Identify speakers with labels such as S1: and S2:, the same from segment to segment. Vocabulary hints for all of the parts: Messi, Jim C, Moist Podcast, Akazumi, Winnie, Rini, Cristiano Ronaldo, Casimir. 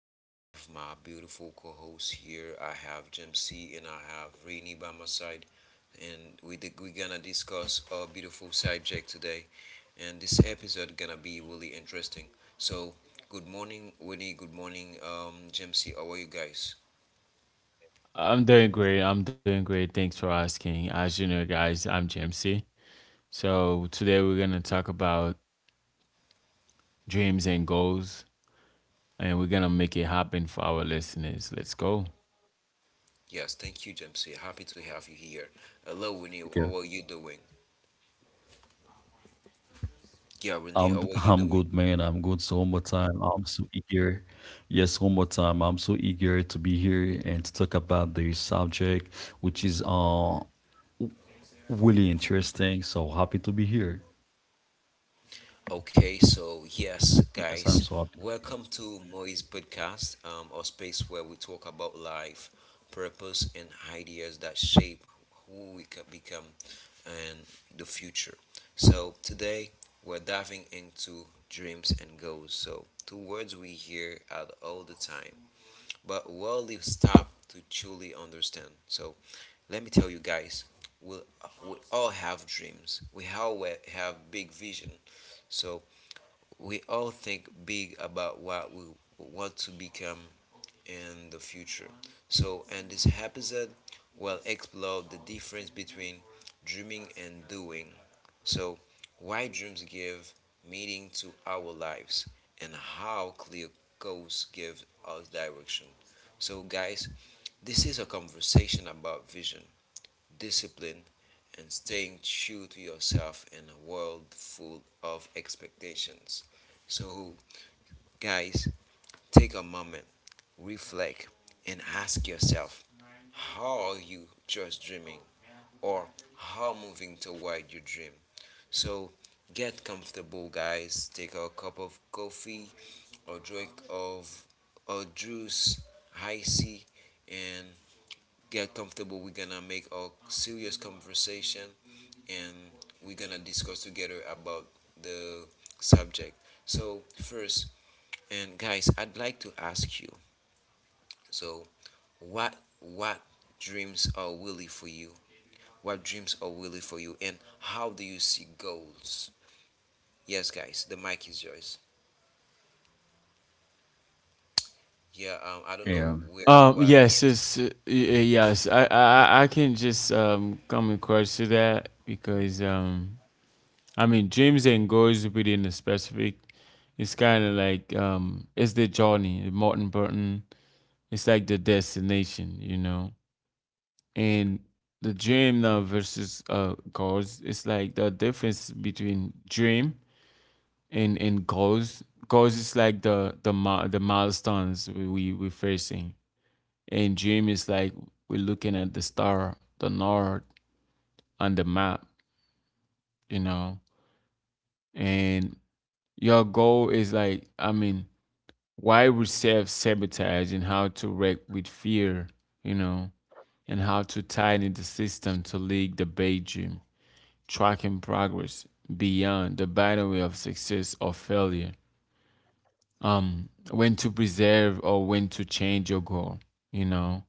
S1: I have my beautiful co-host here. I have Jim C, and I have Rini by my side, and we gonna discuss our beautiful subject today. And this episode gonna be really interesting. So, good morning, Winnie. Good morning, Jim C. How are you guys?
S2: I'm doing great. I'm doing great. Thanks for asking. As you know, guys, I'm Jamesy. So today we're gonna talk about dreams and goals, and we're gonna make it happen for our listeners. Let's go.
S1: Yes, thank you, Jamsi. Happy to have you here.
S3: Okay.
S1: Hello, Winnie. How are you doing? Yeah,
S3: I'm d-
S1: Winnie, how are
S3: I'm
S1: you
S3: good,
S1: doing?
S3: man. I'm good. So one more time, I'm so eager. Yes, one more time, I'm so eager to be here and to talk about the subject, which is w- really interesting. So happy to be here.
S1: Okay, so yes, guys,
S3: Yes, I'm so happy.
S1: welcome to Moi's podcast, a space where we talk about life, purpose, and ideas that shape who we can become and the future. So today we're diving into dreams and goals. So two words we hear at all the time, but rarely stop to truly understand. So let me tell you guys, we we'll, we all have dreams. We all have big vision. So we all think big about what we want to become in the future. So in this episode, we'll explore the difference between dreaming and doing. So why dreams give meaning to our lives and how clear goals give us direction. So guys, this is a conversation about vision, discipline, and staying true to yourself in a world full of expectations. So, guys, take a moment, reflect, and ask yourself how are you just dreaming or how moving toward your dream? So, get comfortable, guys. Take a cup of coffee or drink of or juice, icy, and get comfortable. We're gonna make a serious conversation and we're gonna discuss together about the subject. So first, and guys, I'd like to ask you. So what dreams are really for you? What dreams are really for you, and how do you see goals? Yes, guys, the mic is yours. Yeah, I don't know
S3: Yeah.
S1: where what.
S2: Yes.
S1: Yes.
S2: It's, yes. I can just come across to that because. I mean, dreams and goals within the specific. It's kind of like It's the journey. Martin Burton. It's like the destination. You know. And the dream now versus goals, it's like the difference between dream and goals. Goals is like the milestones we're facing, and dream is like we're looking at the star, the north, on the map, you know. And your goal is like, I mean, why we self sabotage and how to wreck with fear, you know, and how to tighten the system to leak the big dream, tracking progress beyond the binary of success or failure. When to preserve or when to change your goal, you know.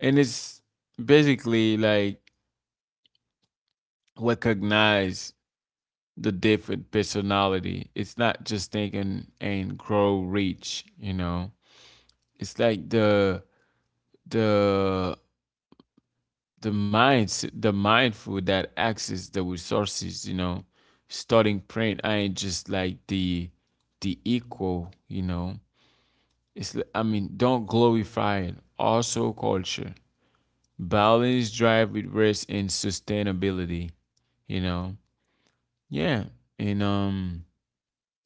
S2: And it's basically like recognize the different personality. It's not just thinking and grow reach, you know. It's like the the minds, the mindful that access the resources, you know. Starting print, I ain't just like the equal, you know. I mean, don't glorify it also culture. Balance drive with rest and sustainability, you know. Yeah. And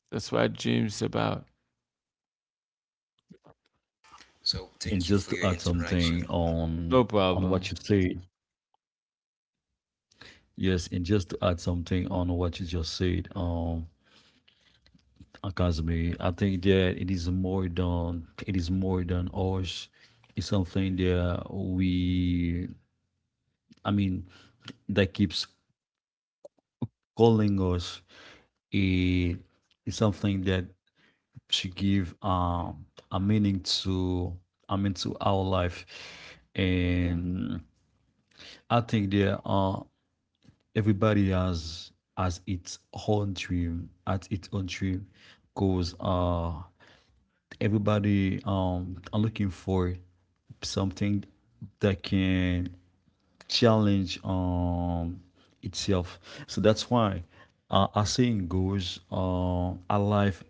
S2: that's what dreams about.
S1: So
S3: And just
S1: thank you
S3: to
S1: for
S3: add
S1: your
S3: something
S1: interaction.
S3: on
S2: No
S3: on what you
S2: problem.
S3: said. Yes, and just to add something on what you just said. Akazumi, I think that it is more than ours. It's something that we, I mean, that keeps calling us. It is something that should give a meaning to, I mean, to our life, and I think that everybody has its own dream, at its own dream, cause everybody are looking for something that can challenge itself. So that's why our saying goes, a life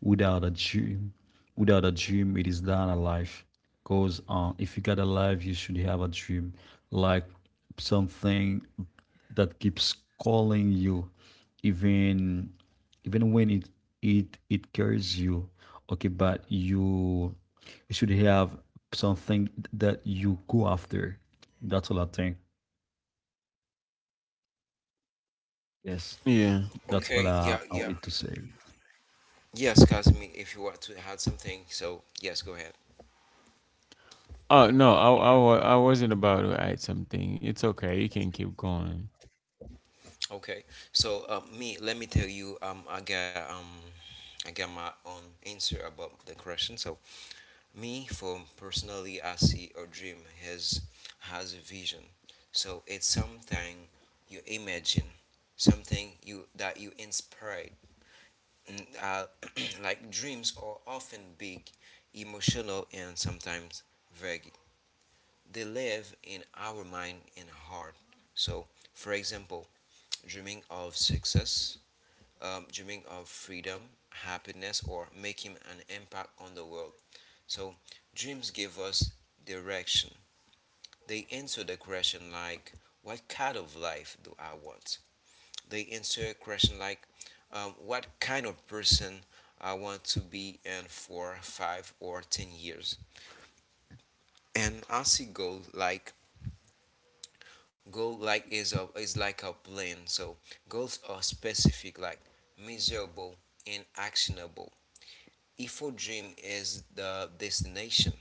S3: without a dream, without a dream, it is not a life. Because if you got a life, you should have a dream, like something that keeps calling you, even even when it carries you. Okay, but you should have something that you go after. That's all I think. Yes,
S2: Yeah.
S3: that's all
S1: Okay.
S3: I,
S1: Yeah.
S3: I
S1: Yeah.
S3: wanted to say.
S1: Yes, Casimir, if you want to add something, so yes, go ahead.
S2: Oh no, I wasn't about to add something. It's okay, you can keep going.
S1: Okay, so me, let me tell you, I got my own answer about the question. So me, for personally, I see a dream has has a vision. So it's something you imagine, something you that you inspired. Mm, Uh, like dreams are often big, emotional, and sometimes vague. They live in our mind and heart. So, for example, dreaming of success, dreaming of freedom, happiness, or making an impact on the world. So, dreams give us direction. They answer the question like, what kind of life do I want? They answer a question like, what kind of person I want to be in for 5 or 10 years? And I see goal like is like a plan. So goals are specific, like measurable and actionable. Ifo dream is the destination.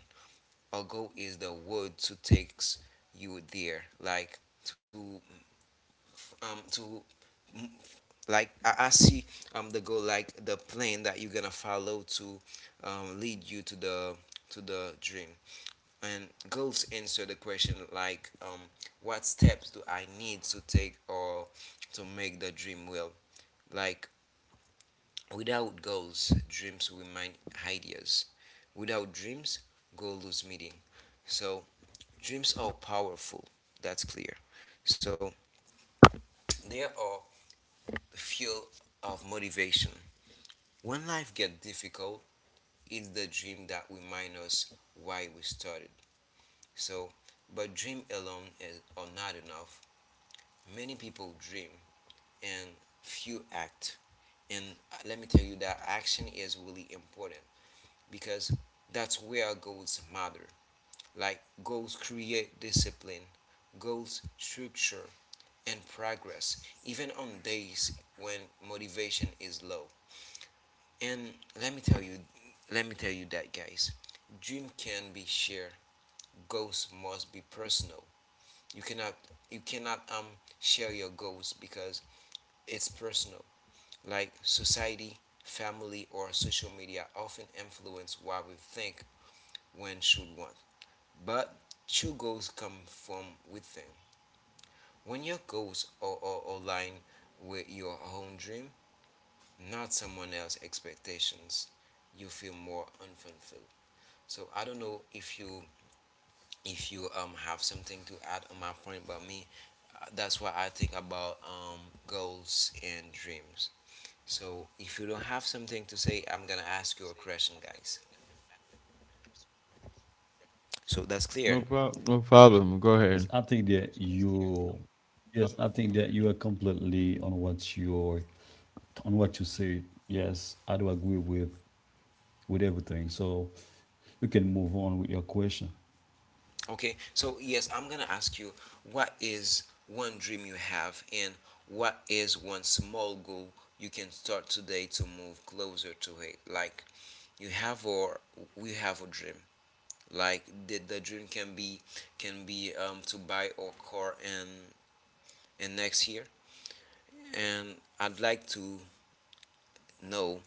S1: Our goal is the world to takes you there. Like to um to mm, like I see the goal like the plan that you're gonna follow to lead you to the dream. And goals answer the question like what steps do I need to take or to make the dream real? Like without goals, dreams remain ideas. Without dreams, goals lose meaning. So dreams are powerful. That's clear. So they are the fuel of motivation. When life gets difficult, it's the dream that reminds us why we started. So, but dream alone is are not enough. Many people dream and few act. And let me tell you that action is really important, because that's where goals matter. Like goals create discipline, goals structure and progress, even on days when motivation is low. And let me tell you, let me tell you that, guys. Dream can be shared. Goals must be personal. You cannot, you cannot share your goals because it's personal. Like society, family, or social media often influence what we think when should want, but true goals come from within. When your goals are aligned with your own dream, not someone else's expectations, you feel more unfulfilled. So I don't know if you have something to add on my point, but me, that's what I think about goals and dreams. So if you don't have something to say, I'm gonna ask you a question, guys. So that's clear.
S2: No problem, no problem, go
S3: Yes, I
S2: ahead.
S3: think that you, yes, I think that you are completely on what you said. Yes, I do agree with everything. So you can move on with your question.
S1: Okay, so yes, I'm gonna ask you what is one dream you have and what is one small goal you can start today to move closer to it? Like you have or we have a dream. Like the dream can be to buy a car and next year. And I'd like to know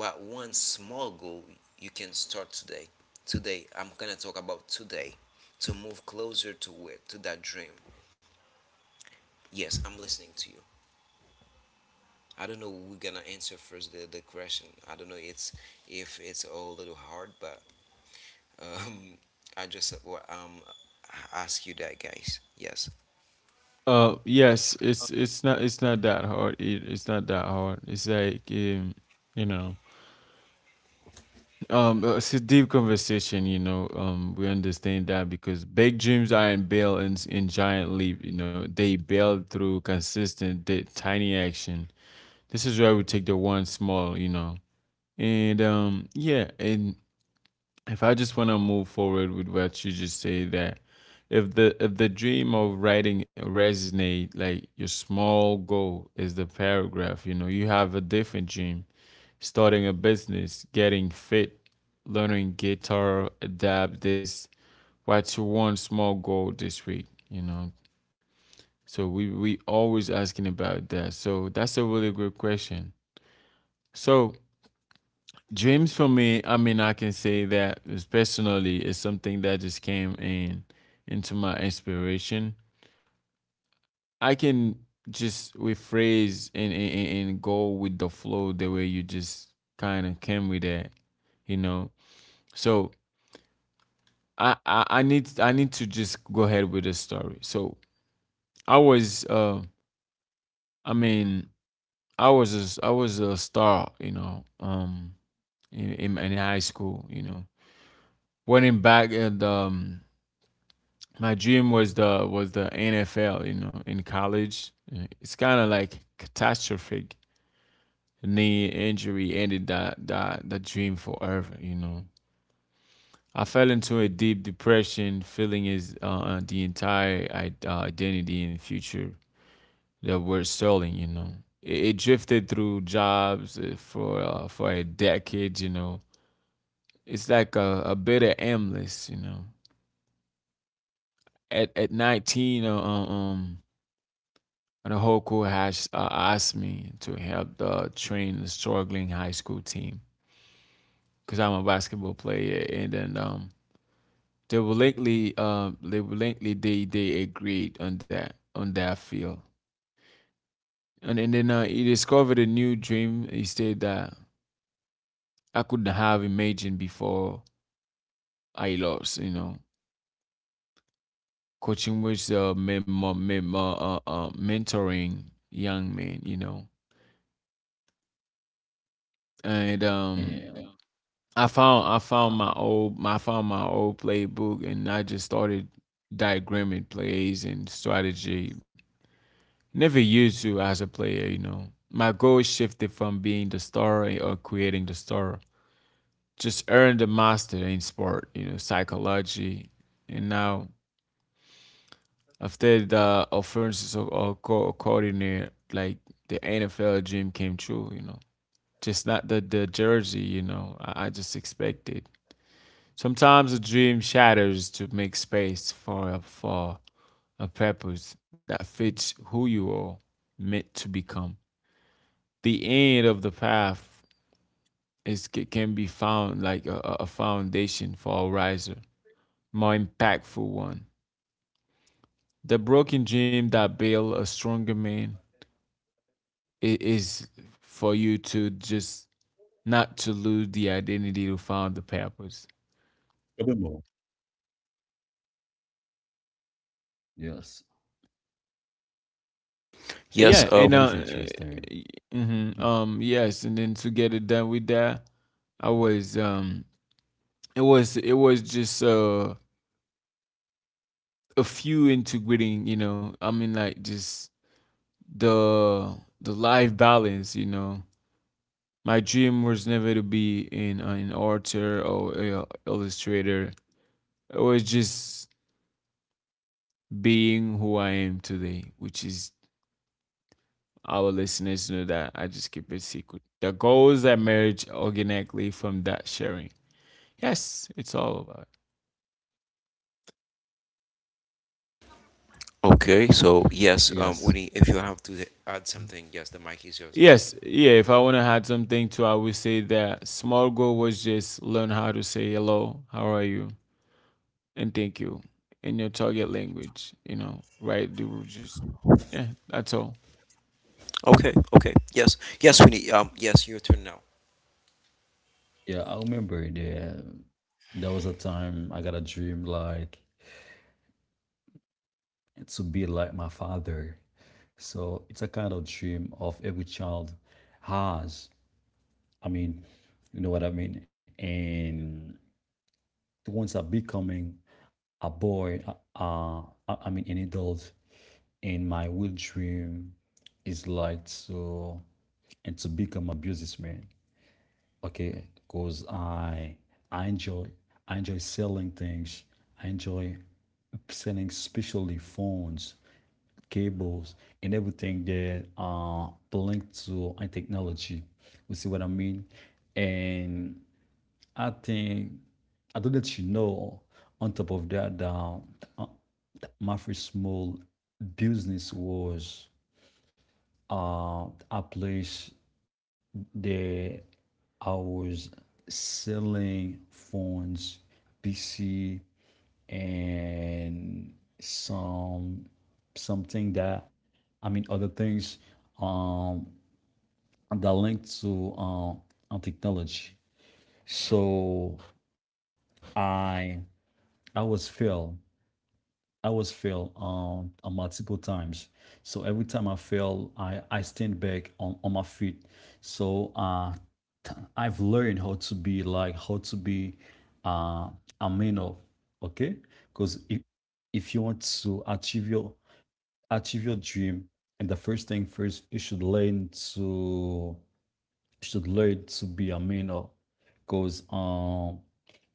S1: what one small goal you can start today. Today, I'm gonna talk about today to move closer to it to that dream. Yes, I'm listening to you. I don't know we're gonna answer first the question. I don't know it's if it's a little hard, but um, I just ask you that, guys. Yes.
S2: Yes, it's it's not that hard. It's not that hard. It's like you know, it's a deep conversation. You know, we understand that because big dreams aren't built in giant leap. You know, they build through consistent, tiny action. This is where we take the one small. You know, and yeah, and if I just want to move forward with what you just say that, if the dream of writing resonate, like your small goal is the paragraph, you know. You have a different dream, starting a business, getting fit, learning guitar, adapt this. What's your one small goal this week, you know? So we always asking about that, so that's a really good question. So dreams for me, I mean, I can say that is personally is something that just came in into my inspiration. I can just rephrase and go with the flow the way you just kind of came with that, you know. So I need, I need to just go ahead with the story. So I was I mean I was a star, you know, in in high school, you know. Running back at my dream was the NFL. You know, in college, uh, it's kind of like catastrophic knee injury ended that the dream forever. You know, I fell into a deep depression, feeling is the entire identity and future that were selling. You know, it drifted through jobs for a decade. You know, it's like a bit of aimless, you know, at 19, and Hoku has asked me to help the train the struggling high school team because I'm a basketball player, and then they willingly, they agreed on that field. And then he discovered a new dream. He said that I couldn't have imagined before I lost. You know, coaching was mentoring young men. You know, and
S3: Yeah,
S2: I found, I found my old my I found my old playbook, and I just started diagramming plays and strategy. Never used to as a player, you know. My goal shifted from being the star or creating the star. Just earned the master in sport, you know, psychology. And now after the offensive or coordinator, like the NFL dream came true, you know. Just not the, the jersey, you know. I just expected. Sometimes a dream shatters to make space for a purpose that fits who you are meant to become. The end of the path can be found like a foundation for a riser, more impactful one. The broken dream that builds a stronger man is for you to just not to lose the identity to find the purpose.
S3: a bit more. Yes,
S2: Yeah,
S3: that
S1: Yes.
S3: is
S2: and uh,
S3: interesting. Hmm.
S2: mm-hmm, yes, and then to get it done with that, I was it was it was just a few integrating, you know. I mean like just the life balance, you know. My dream was never to be in an author or a illustrator. It was just being who I am today, which is our listeners know that I just keep it secret. The goals that merge organically from that sharing. Yes, it's all about.
S1: Okay. So yes.
S3: Yes,
S1: Winnie, if you have to add something, yes, the mic is yours now.
S2: Yes, yeah. If I want to add something to, I would say that small goal was just learn how to say hello, how are you, and thank you in your target language. You know, right? Do just yeah. That's all.
S1: Okay. Okay. Yes. Yes, Winnie. Yes, your turn now.
S3: yeah, I remember there. There was a time I got a dream like. And to be like my father. So it's a kind of dream of every child has. I mean, you know what I mean? And the ones that are becoming a boy, uh, I mean, an adult. And my will dream is like to and to become a businessman. Okay, because I enjoy I enjoy selling things. I enjoy selling especially phones, cables, and everything that are linked to a technology. You see what I mean? And I think I don't let you know. On top of that, uh, my first small business was uh, a place that I was selling phones, PC, and some something that, I mean, other things um that link to on technology. So I I was failed I was failed multiple times. So every time I fail, I stand back on my feet. So I've learned how to be uh a man of. Okay. Because if you want to achieve your dream, and the first thing first, you should learn to be a man of. Because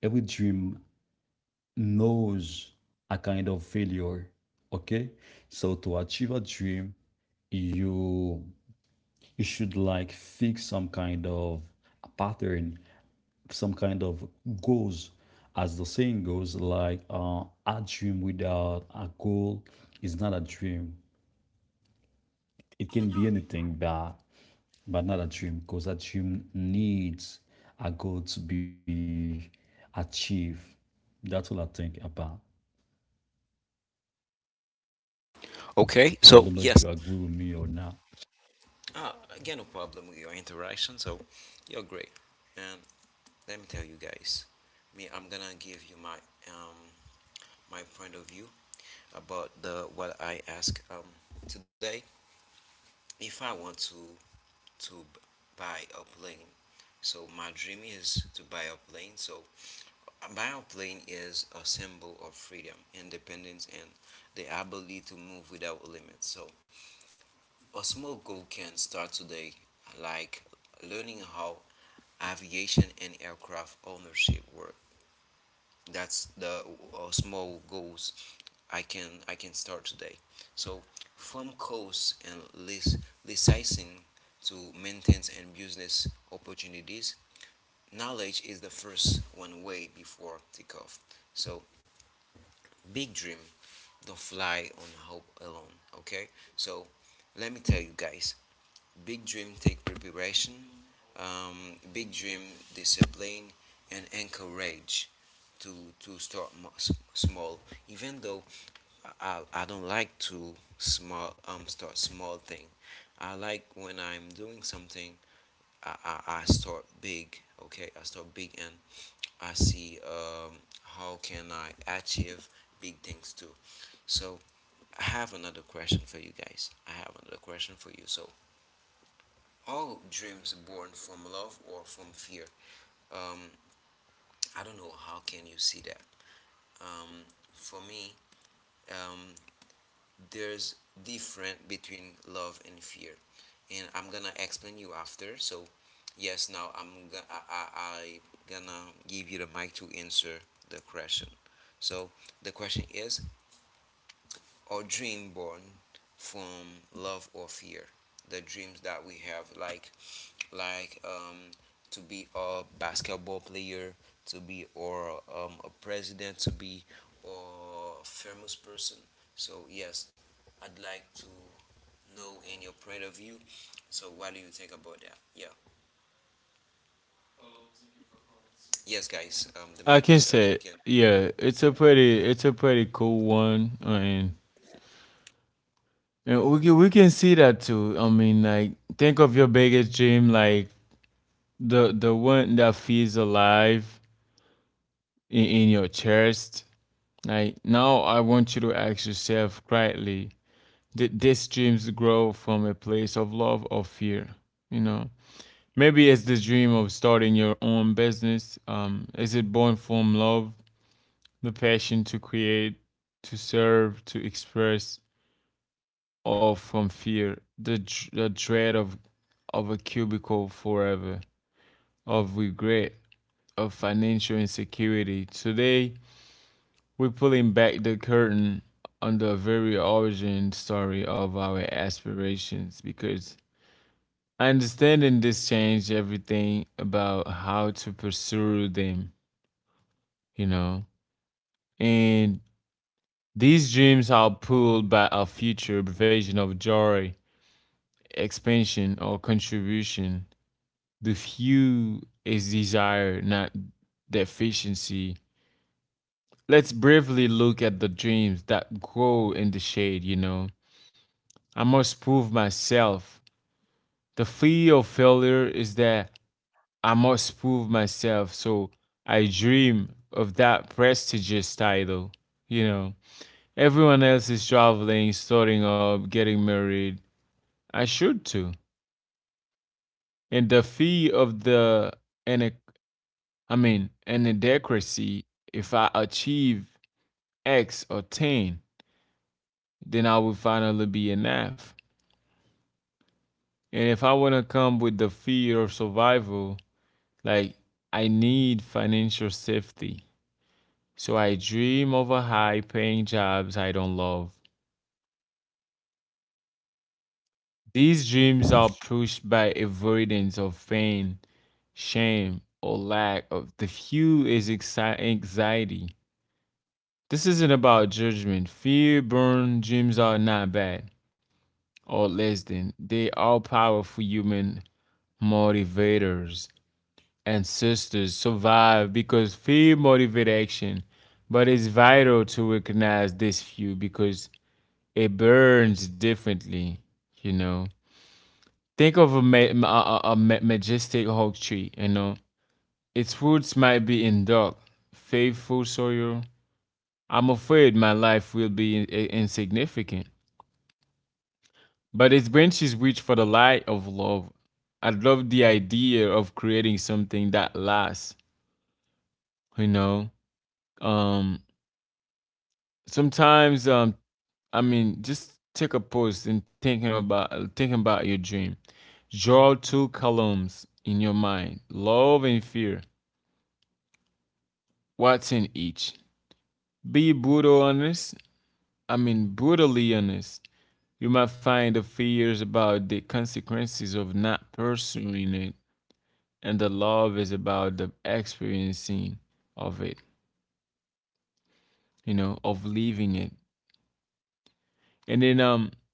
S3: every dream knows a kind of failure. Okay, so to achieve a dream, you you should like fix some kind of a pattern, some kind of goals. As the saying goes, like a dream without a goal is not a dream. It can be anything, but not a dream, because a dream needs a goal to be achieved. That's all I think about, so I
S1: Okay.
S3: don't know if
S1: So
S3: you agree
S1: yes.
S3: with me or not.
S1: Ah, again, no problem with your interaction. So you're great. And let me tell you guys, me, I'm gonna give you my um. my point of view about the what I ask, today. If I want to buy a plane, so my dream is to buy a plane. So a buy a plane is a symbol of freedom, independence, and the ability to move without limits. So a small goal can start today, like learning how aviation and aircraft ownership work. That's the small goals I can start today. So from costs and lis- licensing to maintenance and business opportunities, knowledge is the first one way before takeoff. So big dream, don't fly on hope alone. Okay, so let me tell you guys, big dream take preparation, big dream discipline, and encourage to to start small. Even though I don't like to small start small thing. I like when I'm doing something. I start big. Okay, I start big and I see how can I achieve big things too. So I have another question for you guys. I have another question for you. So all dreams born from love or from fear. Um, I don't know how can you see that. Um, for me, um, there's different between love and fear, and I'm gonna explain you after. So, yes, now I'm gonna I gonna give you the mic to answer the question. So the question is: Are dreams born from love or fear? The dreams that we have, like like um, to be a basketball player, to be or a president, to be or famous person. So yes, I'd like to know in your point of view. So what do you think about that? Yeah. Yes, guys. The
S2: Like I
S1: mic
S2: can
S1: is yours. You
S2: say.
S1: can.
S2: Yeah,
S1: Yeah.
S2: it's a pretty cool one, and we can see that too. I mean, like, think of your biggest dream, like the one that feels alive in your chest. Like now, I want you to ask yourself quietly, did these dreams grow from a place of love or fear? You know, maybe it's the dream of starting your own business. Is it born from love, the passion to create, to serve, to express, or from fear, the dread of a cubicle forever, of regret, of financial insecurity. Today, we're pulling back the curtain on the very origin story of our aspirations because understanding this changed everything about how to pursue them, you know. And these dreams are pulled by our future vision of joy, expansion, or contribution. The few is desired, not deficiency. Let's briefly look at the dreams that grow in the shade, you know. I must prove myself. The fear of failure is that. I must prove myself. So I dream of that prestigious title. You know, everyone else is traveling, starting up, getting married. I should too. And the fee of the, I mean, inadequacy, if I achieve X or 10, then I will finally be enough. And if I want to come with the fear of survival, like I need financial safety. So I dream over high paying jobs I don't love. These dreams are pushed by avoidance of pain, shame, or lack of the few is anxiety. This isn't about judgment. Fear burn dreams are not bad or less than. They are powerful human motivators. Ancestors survive because fear motivates action, but it's vital to recognize this few because it burns differently, you know. Think of a, ma- ma- a ma- majestic oak tree, you know. Its roots might be in dark, faithful soil. I'm afraid my life will be insignificant, but its branches reach for the light of love. I love the idea of creating something that lasts, you know. Um, sometimes, I mean, just take a pause and thinking about your dream. Draw two columns in your mind, love and fear. What's in each? Be brutal honest. I mean brutally honest. You might find the fears about the consequences of not pursuing it, and the love is about the experiencing of it, you know, of leaving it. And then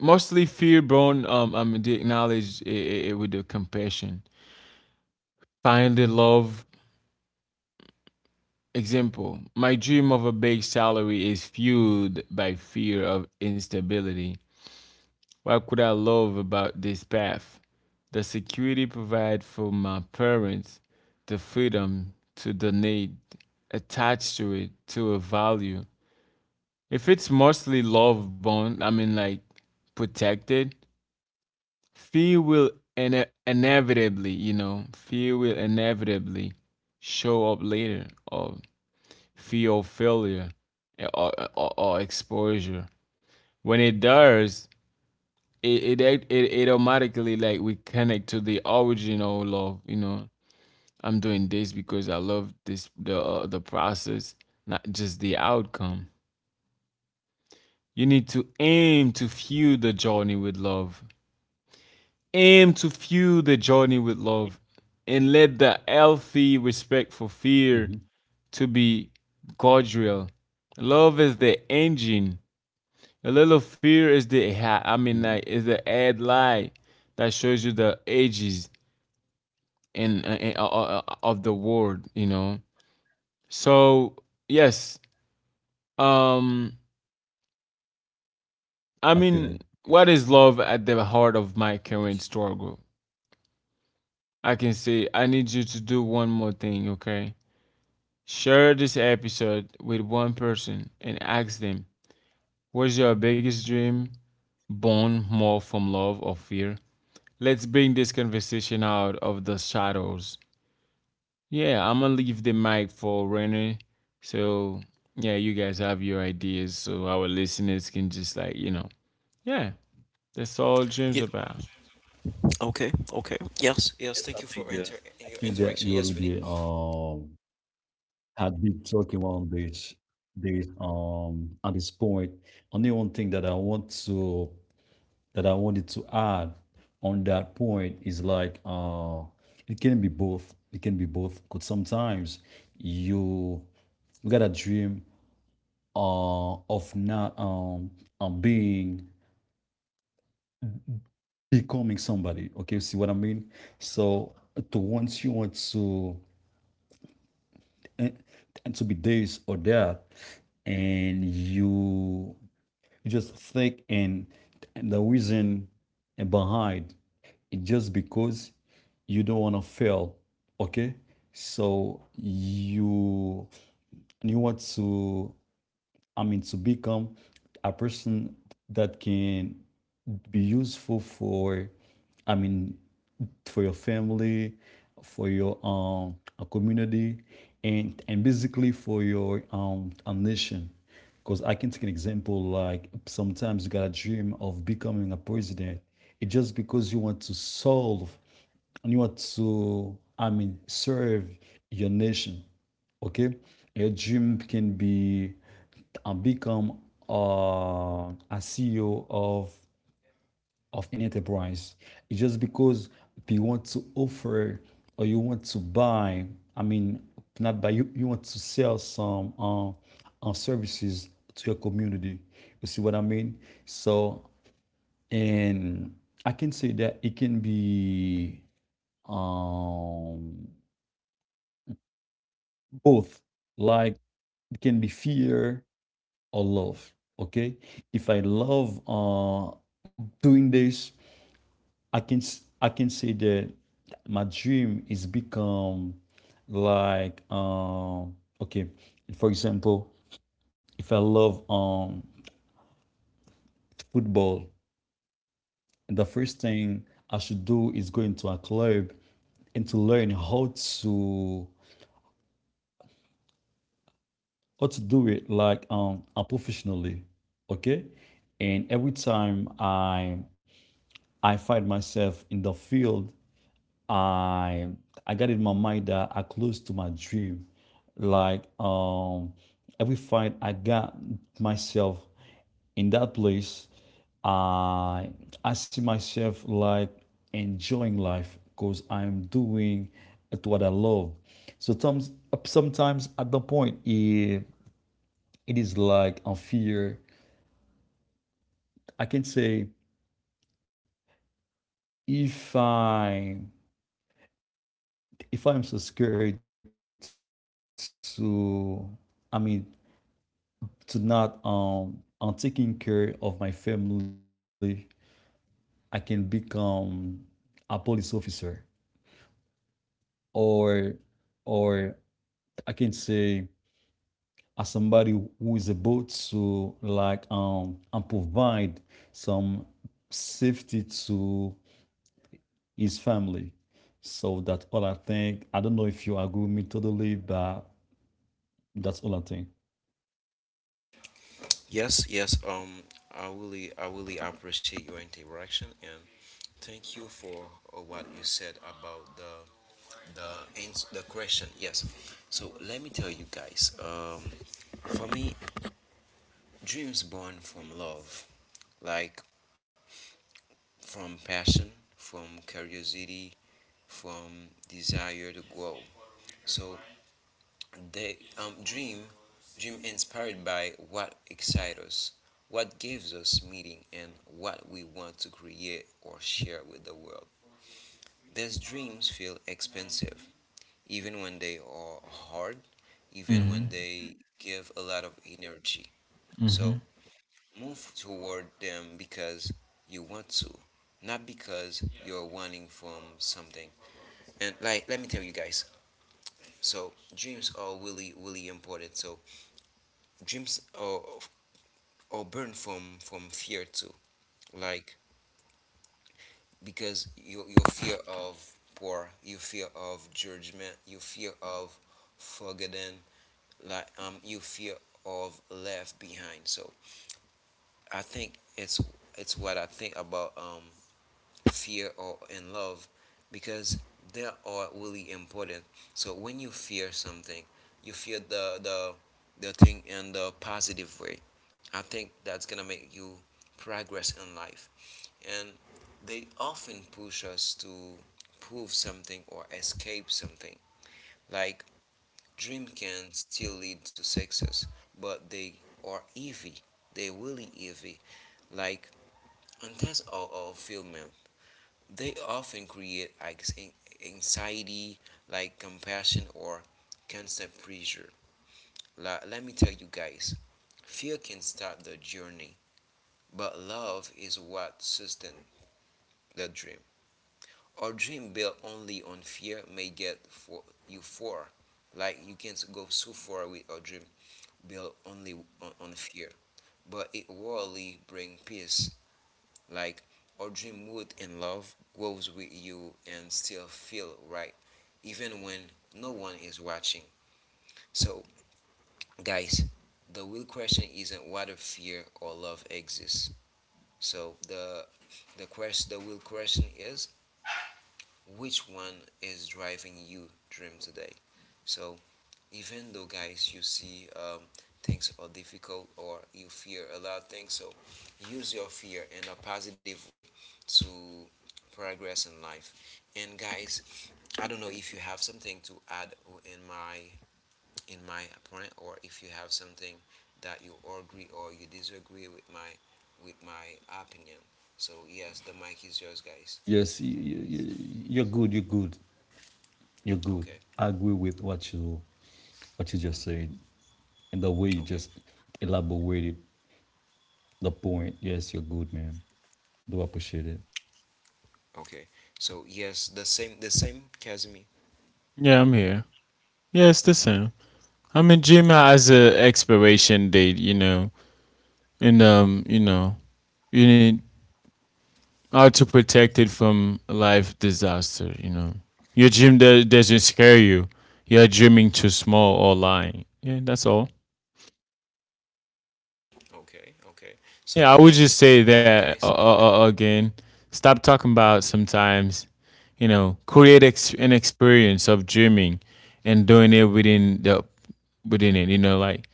S2: mostly fear born I mean they acknowledge it, it with the compassion. Find the love. Example: my dream of a big salary is fueled by fear of instability. What could I love about this path? The security provided for my parents, the freedom to donate, attached to it, to a value. If it's mostly love bond, I mean, like protected, fear will fear will inevitably show up later or theophilia or exposure. When it does, it, it it automatically like we connect to the original love. You know, I'm doing this because I love this the process, not just the outcome. You need to aim to fuel the journey with love. Aim to fuel the journey with love, and let the healthy respect for
S3: Mhm,
S2: fear to be cordial. Love is the engine. A
S3: mhm.
S2: little fear is I mean like is the ad lie that shows you the ages in, of the world, you know. So yes, um,
S3: I feel it.
S2: I mean, what is love
S3: Yes.
S2: at the heart of my current struggle? I can say I need you to do one more thing, okay? Share this episode with one person and ask them, what's your biggest dream born more from love or fear? Let's bring this conversation out of the shadows. Yeah, I'm gonna leave the mic for Renner. So yeah, you guys have your ideas, so our listeners can just like yeah, that's all Jim's
S1: Yeah,
S2: about.
S1: okay, okay. Yes,
S3: Yes,
S1: yes.
S3: I
S1: Thank you
S3: think
S1: for
S3: that
S1: inter your interaction.
S3: you
S1: Yes, Winnie.
S3: already had been talking on this at this point. Only one thing that I want to that I wanted to add on that point is like it can be both. It can be both. Because sometimes you you got a dream of not being becoming somebody. Okay, you see what I mean? So to once you want to eh, and to be this or that, and you just think, and the reason behind it just because you don't want to fail. Okay, so you want to, I mean, to become a person that can be useful for, I mean, for your family, for your community, and basically for your nation. Because I can take an example like sometimes you got a dream of becoming a president. It's just because you want to solve and you want to, I mean, serve your nation. Okay? Your dream can be become a CEO of an enterprise. It's just because you want to offer or you want to buy, I mean, not buy, you want to sell some services to your community. You see what I mean? So, and I can say that it can be um, both, like it can be fear or love. Okay, if I love doing this, I can say that my dream is become like okay, for example, if I love football, the first thing I should do is go into a club and to learn how to do it like professionally. Okay, and every time I find myself in the field, I I got in my mind that I close to my dream. Like every fight I got myself in that place, I I see myself like enjoying life because I'm doing at what I love. So sometimes at the point it, it is like a fear. I can say if I if I'm so scared to, I mean, to not on taking care of my family, I can become a police officer, or or I can say as somebody who is about to like and provide some safety to his family. So that's all I think. I don't know if you agree with me totally, but that's all I think.
S1: Yes, yes. I really appreciate your interaction and thank you for what you said about the question. Yes. So let me tell you guys. For me, dreams born from love, like from passion, from curiosity, from desire to grow. So the dream inspired by what excites us, what gives us meaning, and what we want to create or share with the world. These dreams feel expensive, even when they are hard, even
S2: Hmm.
S1: when they give a lot of energy.
S2: Hmm.
S1: So move toward them because you want to, not because you're wanting from something. And like, let me tell you guys, so dreams are really really important. So dreams are born from fear too. Like because your fear of poor, you fear of judgment, you fear of forgotten, like you fear of left behind. So I think it's what I think about fear or in love, because they are really important. So when you fear something you fear the thing in the positive way. I think that's gonna make you progress in life, and they often push us to prove something or escape something. Like dream can still lead to success but they are evil, they really evil. Like in terms of film man, they often create anxiety, like compassion or constant pressure. Let me tell you guys, fear can start the journey, but love is what sustains the dream. A dream built only on fear may get for you far. Like you can go so far with a dream built only on fear, but it rarely brings peace. Like our dream wood in love grows with you and still feel right, even when no one is watching. So, guys, the real question isn't whether fear or love exists. So the the the real question is, which one is driving you dream today? So even though guys you see things are difficult or you fear a lot of things, so use your fear in a positive way to progress in life. And guys, I don't know if you have something to add in my in my point, or if you have something that you agree or you disagree with my opinion. So yes, the mic is yours, guys.
S3: Yes, you're good, you're good.
S1: Okay.
S3: I agree with what you just said. And the way you
S1: Okay,
S3: just elaborated the point, yes, you're good, man. Do appreciate it.
S1: okay. So yes, the same Casimir.
S2: Yeah, I'm here. Yeah, it's the same. I mean, Jim
S1: Okay.
S2: has a expiration date, you know, and you know, you need how to protect it from life disaster. You know, your doesn't scare you. You're dreaming too small or lying. Yeah, that's all.
S1: Okay, okay.
S2: Yeah, I
S1: So
S2: would just
S1: yes,
S2: say that
S1: guys.
S2: again. Stop talking about sometimes, you know, create an experience of dreaming and doing it within the within it. You know, like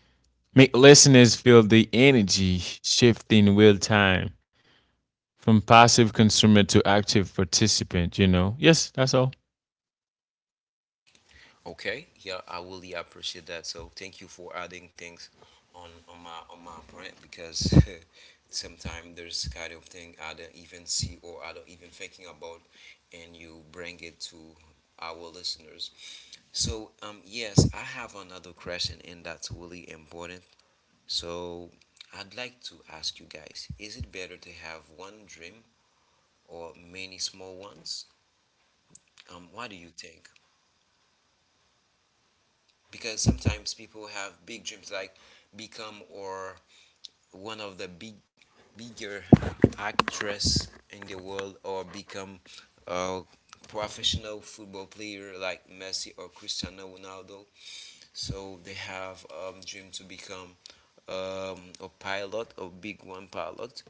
S2: make listeners feel the energy shift in real time from passive consumer to active participant. You know, yes, that's all.
S1: Okay, yeah, I really appreciate that. So thank you for adding things on my point, because sometimes there's kind of thing I don't even see or I don't even thinking about, and you bring it to our listeners. So yes, I have another question, and that's really important. So I'd like to ask you guys: is it better to have one dream or many small ones? What do you think? Because sometimes people have big dreams, like become or one of the bigger actress in the world, or become a professional football player like Messi or Cristiano Ronaldo. So they have a dream to become, a pilot, a big one pilot.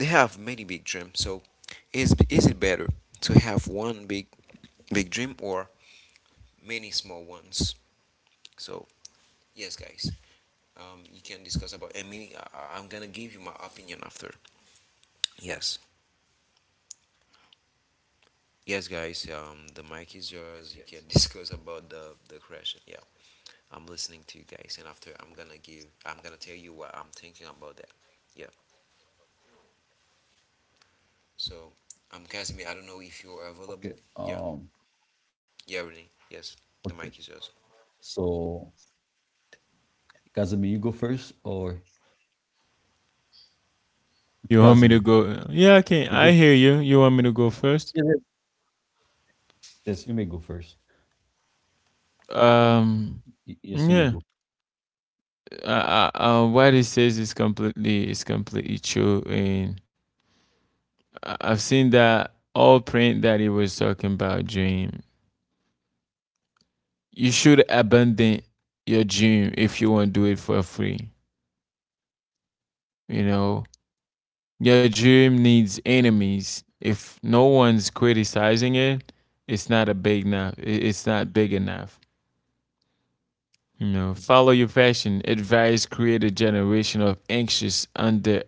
S1: They have many big dreams. So is it better to have one big dream or many small ones? So yes, guys. You can discuss about. I'm gonna give you my opinion after. Yes, yes, guys. The mic is yours. You can discuss about the crash. Yeah, I'm listening to you guys, and after I'm gonna give. I'm gonna tell you what I'm thinking about that. Yeah. So, Casimir, I don't know if you're available.
S3: Okay.
S1: Yeah. Yeah, Renee. Yes, the mic is
S3: Okay.
S1: yours.
S3: So, Casimir, you go first, or
S2: You want me to
S3: Casimir,
S2: go? Yeah, I can.
S3: you go
S2: I hear
S3: first.
S2: you. You want me to go first?
S3: Yes, yes, yes, you may go first.
S2: Um,
S3: Yes, you may
S2: yeah.
S3: go.
S2: What he says is completely true, and I have seen that all print that he was talking about dream. You should abandon your dream if you want to do it for free. You know, your dream needs enemies. If no one's criticizing it, it's not a big enough. It's not big enough. You know, follow your passion. Advice create a generation of anxious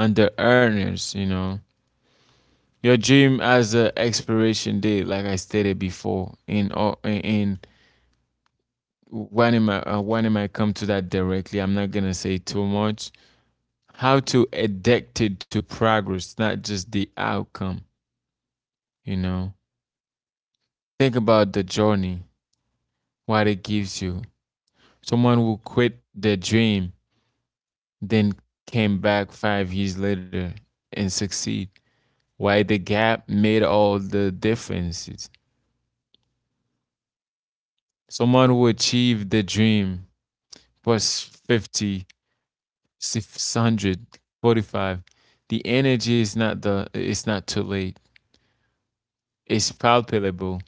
S2: under earners. You know, your dream has an expiration date, like I stated before. In all, in when am I come to that directly? I'm not gonna say too much. How to addicted to progress, not just the outcome. You know, think about the journey, what it gives you. Someone who quit their dream, then came back 5 years later and succeed. Why the gap made all the differences. Someone who achieved the dream plus 50, 600, the energy is not the it's not too late. It's palpable.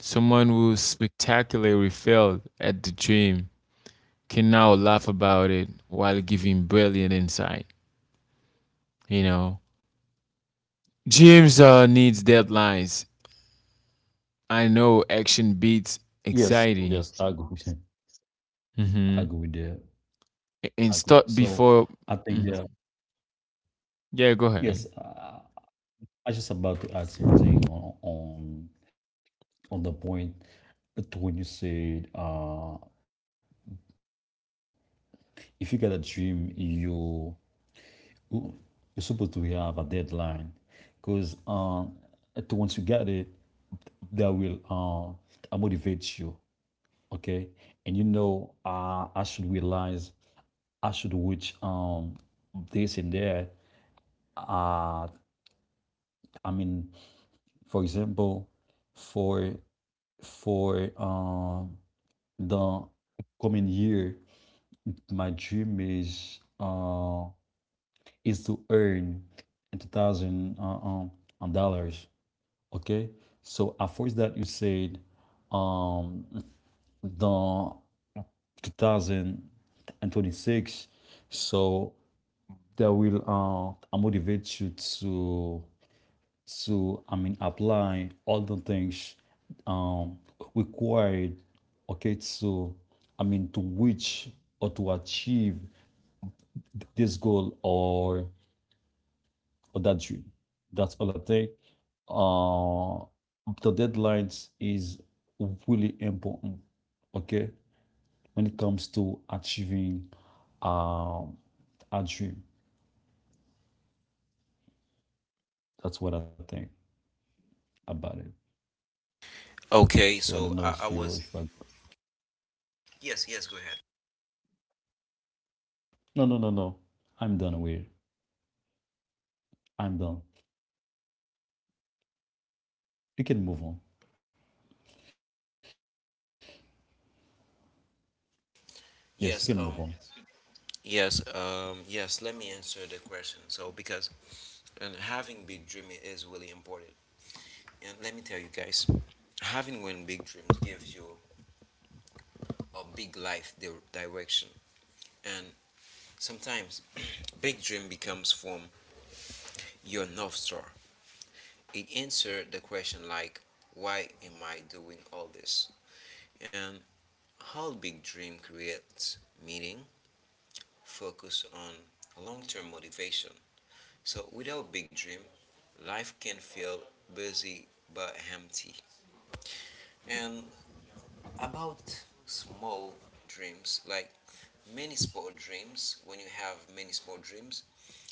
S2: Someone who spectacularly failed at the dream can now laugh about it while giving brilliant insight. You know, dreams needs deadlines. I know action beats
S3: Yes, yes, I
S2: anxiety.
S3: agree with you. I
S2: Mm-hmm.
S3: agree with that. I
S2: And
S3: agree.
S2: start
S3: So,
S2: before.
S3: I think
S2: Mhm.
S3: that
S2: Yeah, go
S3: yes,
S2: ahead.
S3: I just about to add something on the point to when you said, if you got a dream, you're supposed to have a deadline, because once you get it, that will motivate you. Okay, and you know, I should realize, I should reach this and that. uh I mean, for example, for for the coming year my dream is to earn 2,000 dollars. Okay, so after that you said um the 2026, so that will motivate you to, I mean, apply all the things um required, okay, to, I mean, to reach or to achieve this goal or that June. That's all I think. Uh, the deadlines is really important. Okay, when it comes to achieving um a dream, that's what I think about it.
S1: Okay.
S3: So I
S1: So
S3: don't know
S1: I, I
S3: if
S1: was.
S3: you if I
S1: Yes. Yes. Go ahead.
S3: no no no no I'm done with I'm done. You can move on. Yes, you can move on.
S1: Yes. Yes. Yes. Let me answer the question. So, because and having big dream is really important. And let me tell you guys, having one big dream gives you a big life direction. And sometimes big dream becomes from your north star. It answers the question like, why am I doing all this? And how big dream creates meaning, focus on long-term motivation. So without big dream, life can feel busy but empty. And about small dreams, like many small dreams, when you have many small dreams,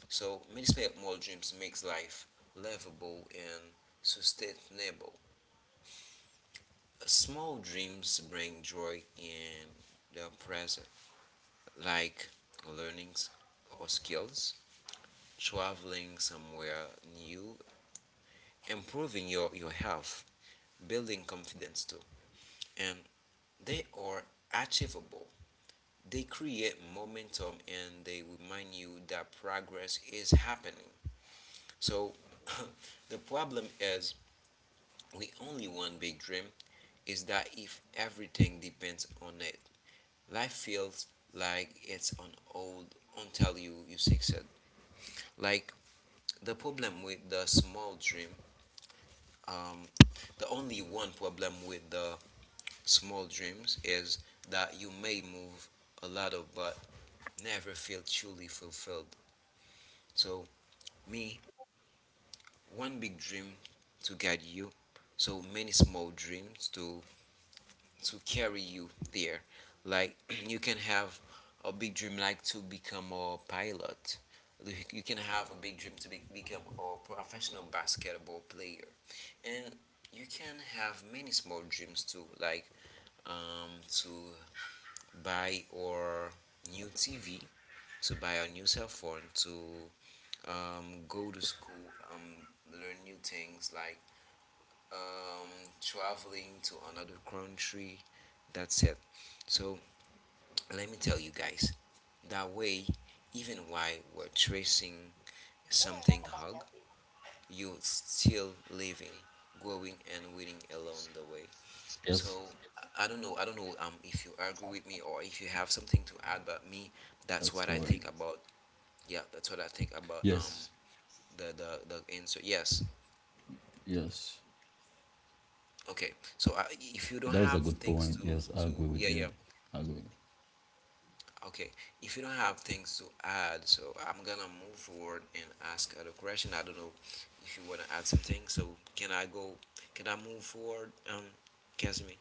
S1: so many small dreams makes life livable and sustainable. Small dreams bring joy in the present, like learnings or skills, traveling somewhere new, improving your health, building confidence too. And they are achievable, they create momentum, and they remind you that progress is happening. So the problem is we only one big dream is that if everything depends on it, life feels like it's on hold until you succeed. Like the problem with the small dream, um, the only one problem with the small dreams is that you may move a lot of but never feel truly fulfilled. So me, one big dream to guide you, so many small dreams to carry you there. Like you can have a big dream like to become a pilot. Like, you can have a big dream to become a professional basketball player. And you can have many small dreams too, like to buy or new TV, to buy a new cell phone, to go to school, um, learn new things like, um, traveling to another country. That's it. So let me tell you guys, that way, even while we're tracing something hug, you're still living, growing, and winning
S3: Yes,
S1: along the way. So I don't know, I don't know if you agree with me, or if you have something to add,
S3: that's
S1: but me,
S3: correct.
S1: that's what I think about. Yeah, that's what I think
S3: Yes,
S1: about, the the answer. Yes.
S3: yes.
S1: Okay, so I, if
S3: That
S1: you
S3: was
S1: don't
S3: a
S1: have
S3: good point.
S1: things
S3: Yes, I
S1: to
S3: agree with
S1: yeah, yeah.
S3: you. I agree.
S1: Okay, if you don't have things to add, so I'm gonna move forward and ask other question. I don't know if you wanna add something. So can I go? Can I move forward, Casimir?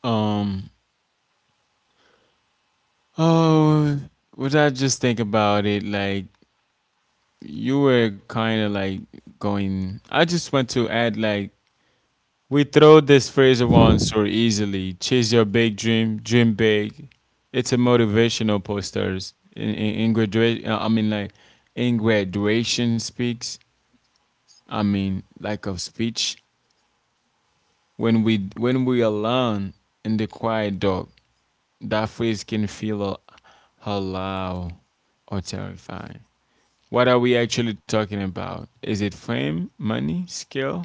S2: Um, Oh, what I just think about it, like you were kind of like going. I just want to add, like we throw this phrase around so easily. Chase your big dream, dream big. It's a motivational posters in graduation. I mean, like in graduation speaks. I mean, like of speech. When we alone in the quiet dark, that phrase can feel a loud or terrifying. What are we actually talking about? Is it fame, money, skill?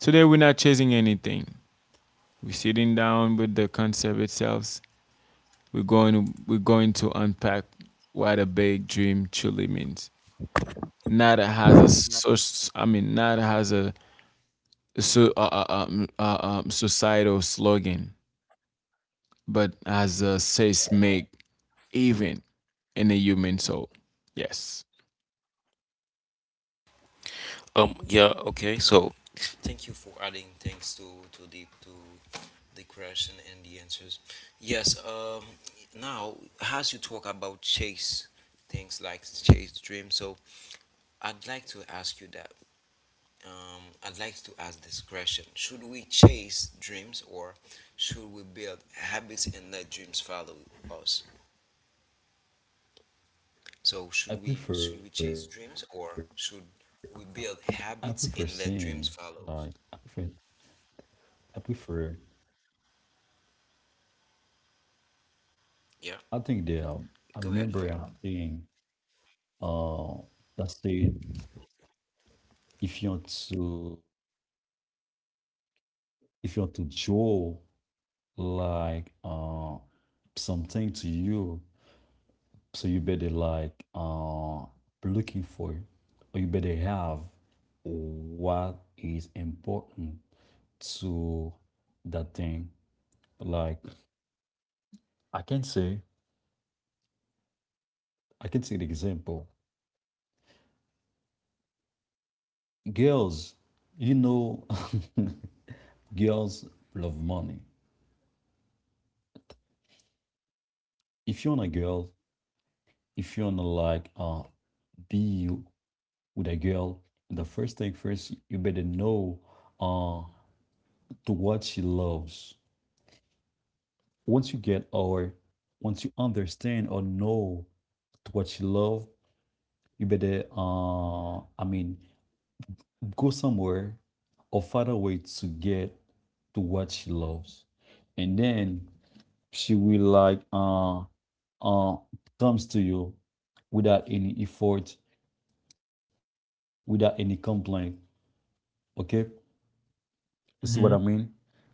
S2: Today we're not chasing anything. We're sitting down with the concept itself. We're going to unpack what a big dream truly means. Nada has a soc- I mean nada has a societal slogan, but as a seismic event in the human soul. Yes.
S1: Yeah, okay. So, thank you for adding things to the question and the answers. Yes. Now, as you talk about chase things like chase dream, so I'd like to ask you that I'd like to ask this question: should we chase dreams or should we build habits and let dreams follow us? So, should we chase
S3: I
S1: dreams or
S3: prefer
S1: should we
S3: I prefer
S1: build habits
S3: singing.
S1: and let
S3: Like
S1: dreams
S3: I
S1: follow?
S3: prefer, I prefer.
S1: Yeah,
S3: I think that I
S1: go ahead, go
S3: remember
S1: ahead.
S3: I'm seeing uh that said, if you want to draw like something to you, so you better like looking for it, or you better have what is important to that thing. Like I can say an example. Girls, you know, girls love money. If you're on a girl, if you're on a like, be you with a girl, the first thing first, you better know, uh, to what she loves. Once you get or once you understand or know to what she loves, you better, I mean, go somewhere or find a way to get to what she loves, and then she will like uh, comes to you without any effort, without any complaint. Okay, you see what I
S2: Mm-hmm.
S3: mean?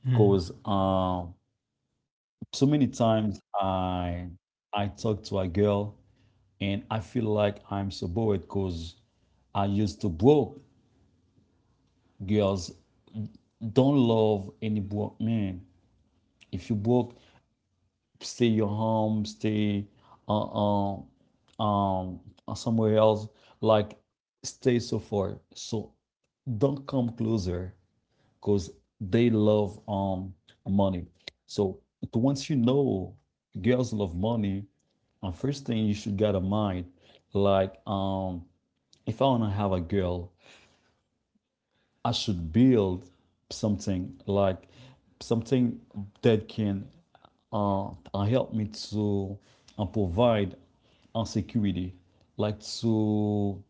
S2: Hmm.
S3: Because so many times I talk to a girl and I feel like I'm so bored because I used to broke. Girls don't love any broke man. If you broke, stay uh, um, um, somewhere else. Like, stay so far. So don't come closer, because they love money. So once you know girls love money, the first thing you should get in mind, like if I wanna have a girl, I should build something, like something that can help me to provide security, like to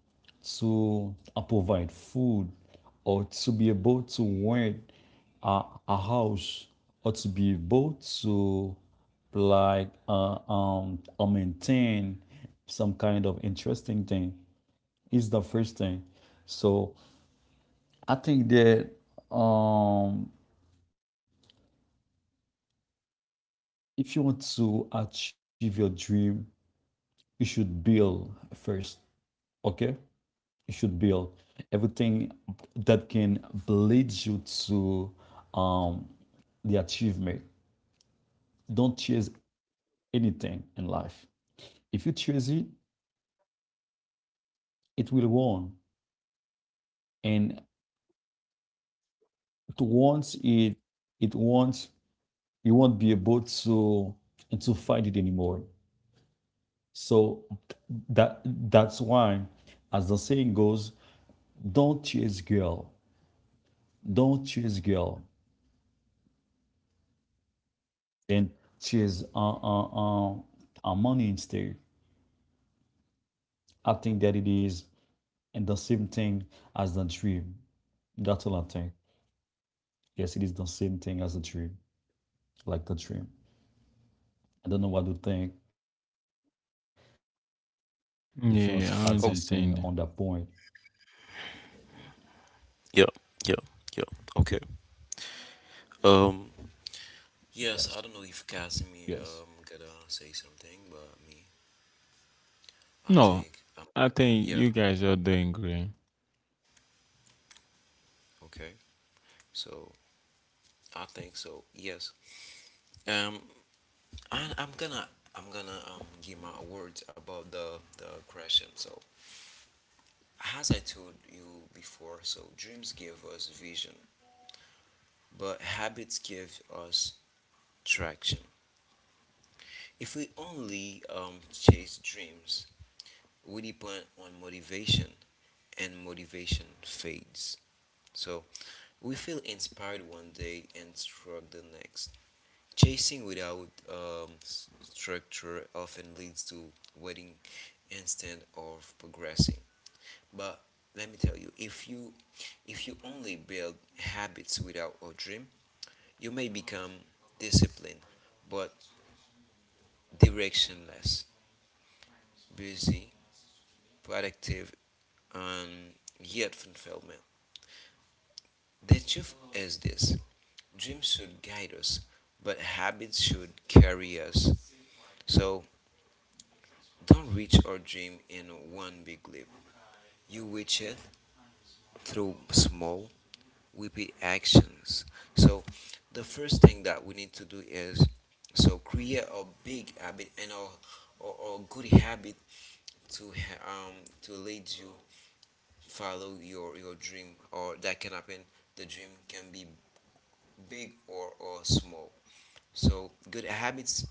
S3: provide food, or to be able to rent a, a house, or to be able to like maintain some kind of interesting thing is the first thing. So I think that um, if you want to achieve your dream, you should build first, okay? You should build everything that can lead you to um, the achievement. Don't chase anything in life. If you chase it, it will want, and to want it, it wants. You won't be able to fight it anymore. So that's why, as the saying goes, don't chase girl, don't chase girl, and chase money instead. I think that it is and the same thing as the dream. That's all I think. Yes, it is the same thing as the dream, like the dream. I don't know what to think. If you want to add something on that point,
S2: Yeah, I understand.
S1: Yeah, yeah, yeah. Okay.
S3: yes,
S1: Um,
S3: yes.
S1: yes, I don't know if Casimir gonna say something, but me, I
S2: No,
S1: think I'm
S2: I
S1: gonna.
S2: think
S1: Yeah,
S2: you guys are doing great.
S1: okay. So I think so. Yes. Um, and I'm gonna give my words about the creation. So as I told you before, so dreams give us vision, but habits give us traction. If we only chase dreams, we depend on motivation, and motivation fades. So we feel inspired one day and struck the next. Chasing without structure often leads to waiting instead of progressing. But let me tell you, if you only build habits without a dream, you may become disciplined but directionless, busy, productive, and yet fulfillment. The truth is this: dreams should guide us, but habits should carry us. So don't reach our dream in one big leap. You reach it through small, will be actions. So the first thing that we need to do is so create a big habit and a, or good habit to um to lead you follow your dream, or that can happen. The dream can be big or small. So good habits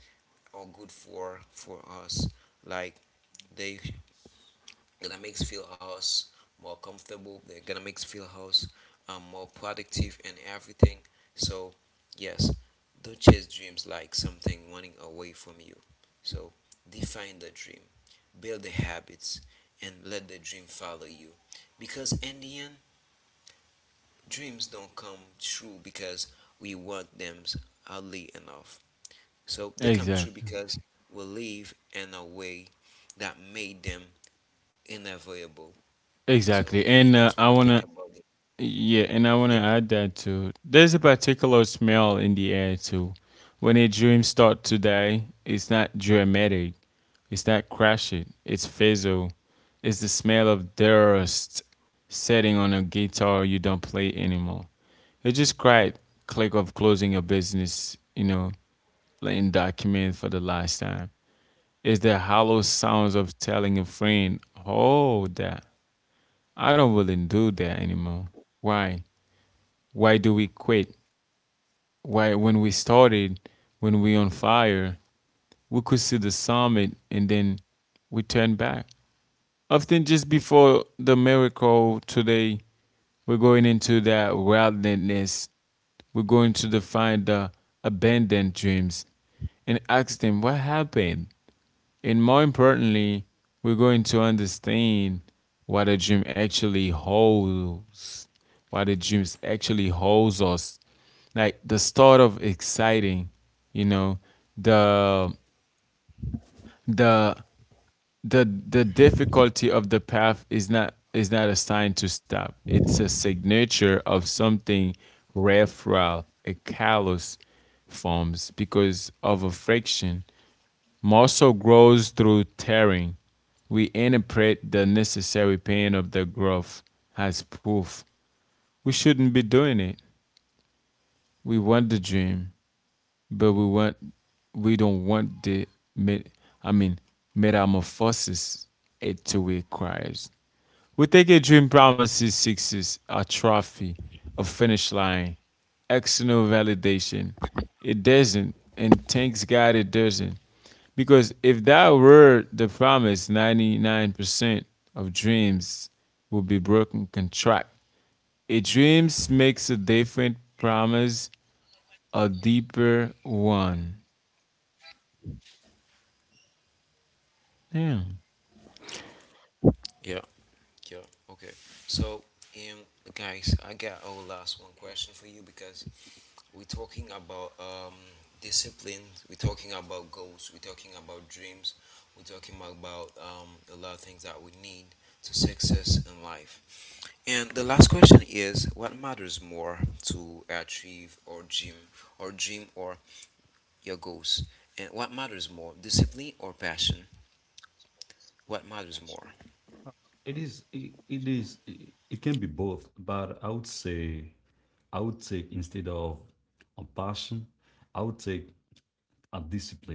S1: are good for us, like they gonna make feel us more comfortable, they're gonna make feel us more productive and everything. So yes, don't chase dreams like something running away from you. So define the dream, build the habits, and let the dream follow you, because in the end dreams don't come true because we want them hardly enough, so they come true
S2: Exactly.
S1: because we live in a way that made them inevitable. So
S2: Exactly.
S1: me,
S2: And
S1: that's what
S2: I
S1: I
S2: want
S1: think
S2: to,
S1: about it.
S2: yeah, and I want to
S1: Yeah,
S2: add that too. There's a particular smell in the air too. When a dream starts to die, it's not dramatic, it's not crashing, it's fizzle. It's the smell of dust setting on a guitar you don't play anymore. It just cried click of closing your business, you know, letting document for the last time. Is the hollow sounds of telling a friend, oh, that I don't really do that anymore. Why? Why do we quit? Why, when we started, when we on fire, we could see the summit and then we turn back. Often, just before the miracle today, we're going into that wildness. We're going to define the abandoned dreams and ask them what happened. And more importantly, we're going to understand what a dream actually holds, what a dream actually holds us. Like the start of exciting, you know, the the the difficulty of the path is not a sign to stop. It's a signature of something referral, a callus forms because of a friction. Muscle grows through tearing. We interpret the necessary pain of the growth as proof. We shouldn't be doing it. We want the dream, but we don't want the I mean metamorphosis it to requires. We think a dream promises success, a trophy, a finish line, external validation. It doesn't, and thanks God it doesn't. Because if that were the promise, 99% of dreams will be broken contract. A dream makes a different promise, a deeper one. Yeah.
S1: yeah, yeah. Okay. So, um, guys, I got our last one question for you, because we're talking about discipline. We're talking about goals. We're talking about dreams. We're talking about a lot of things that we need to success in life. And the last question is, what matters more, to achieve or dream or dream or your goals? And what matters more, discipline or passion? What matters more?
S3: It can be both, but I would say, I would take instead of a passion, I would take a discipline.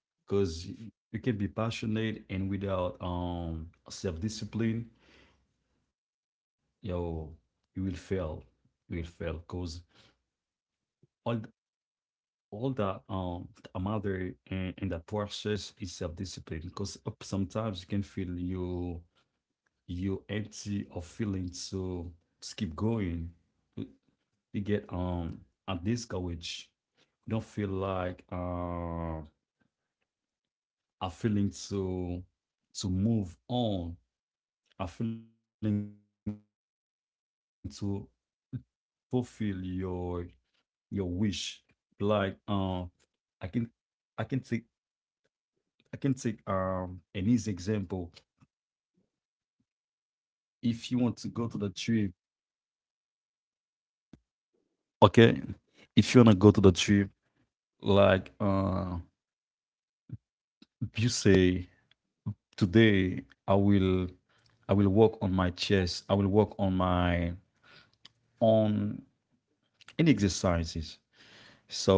S3: Because you can be passionate and without self-discipline, yo you will fail. Because all th- all that a mother and that process is self-discipline. Because sometimes you can feel you empty of feeling, so just keep going. You, you get a discourage. You don't feel like a feeling to move on, a feeling to fulfill your wish. Like I can I can take I can take an easy example. If you want to go to the trip, okay. If you wanna go to the trip, like uh, you say today, I will I will work on my chest. I will work on any exercises. So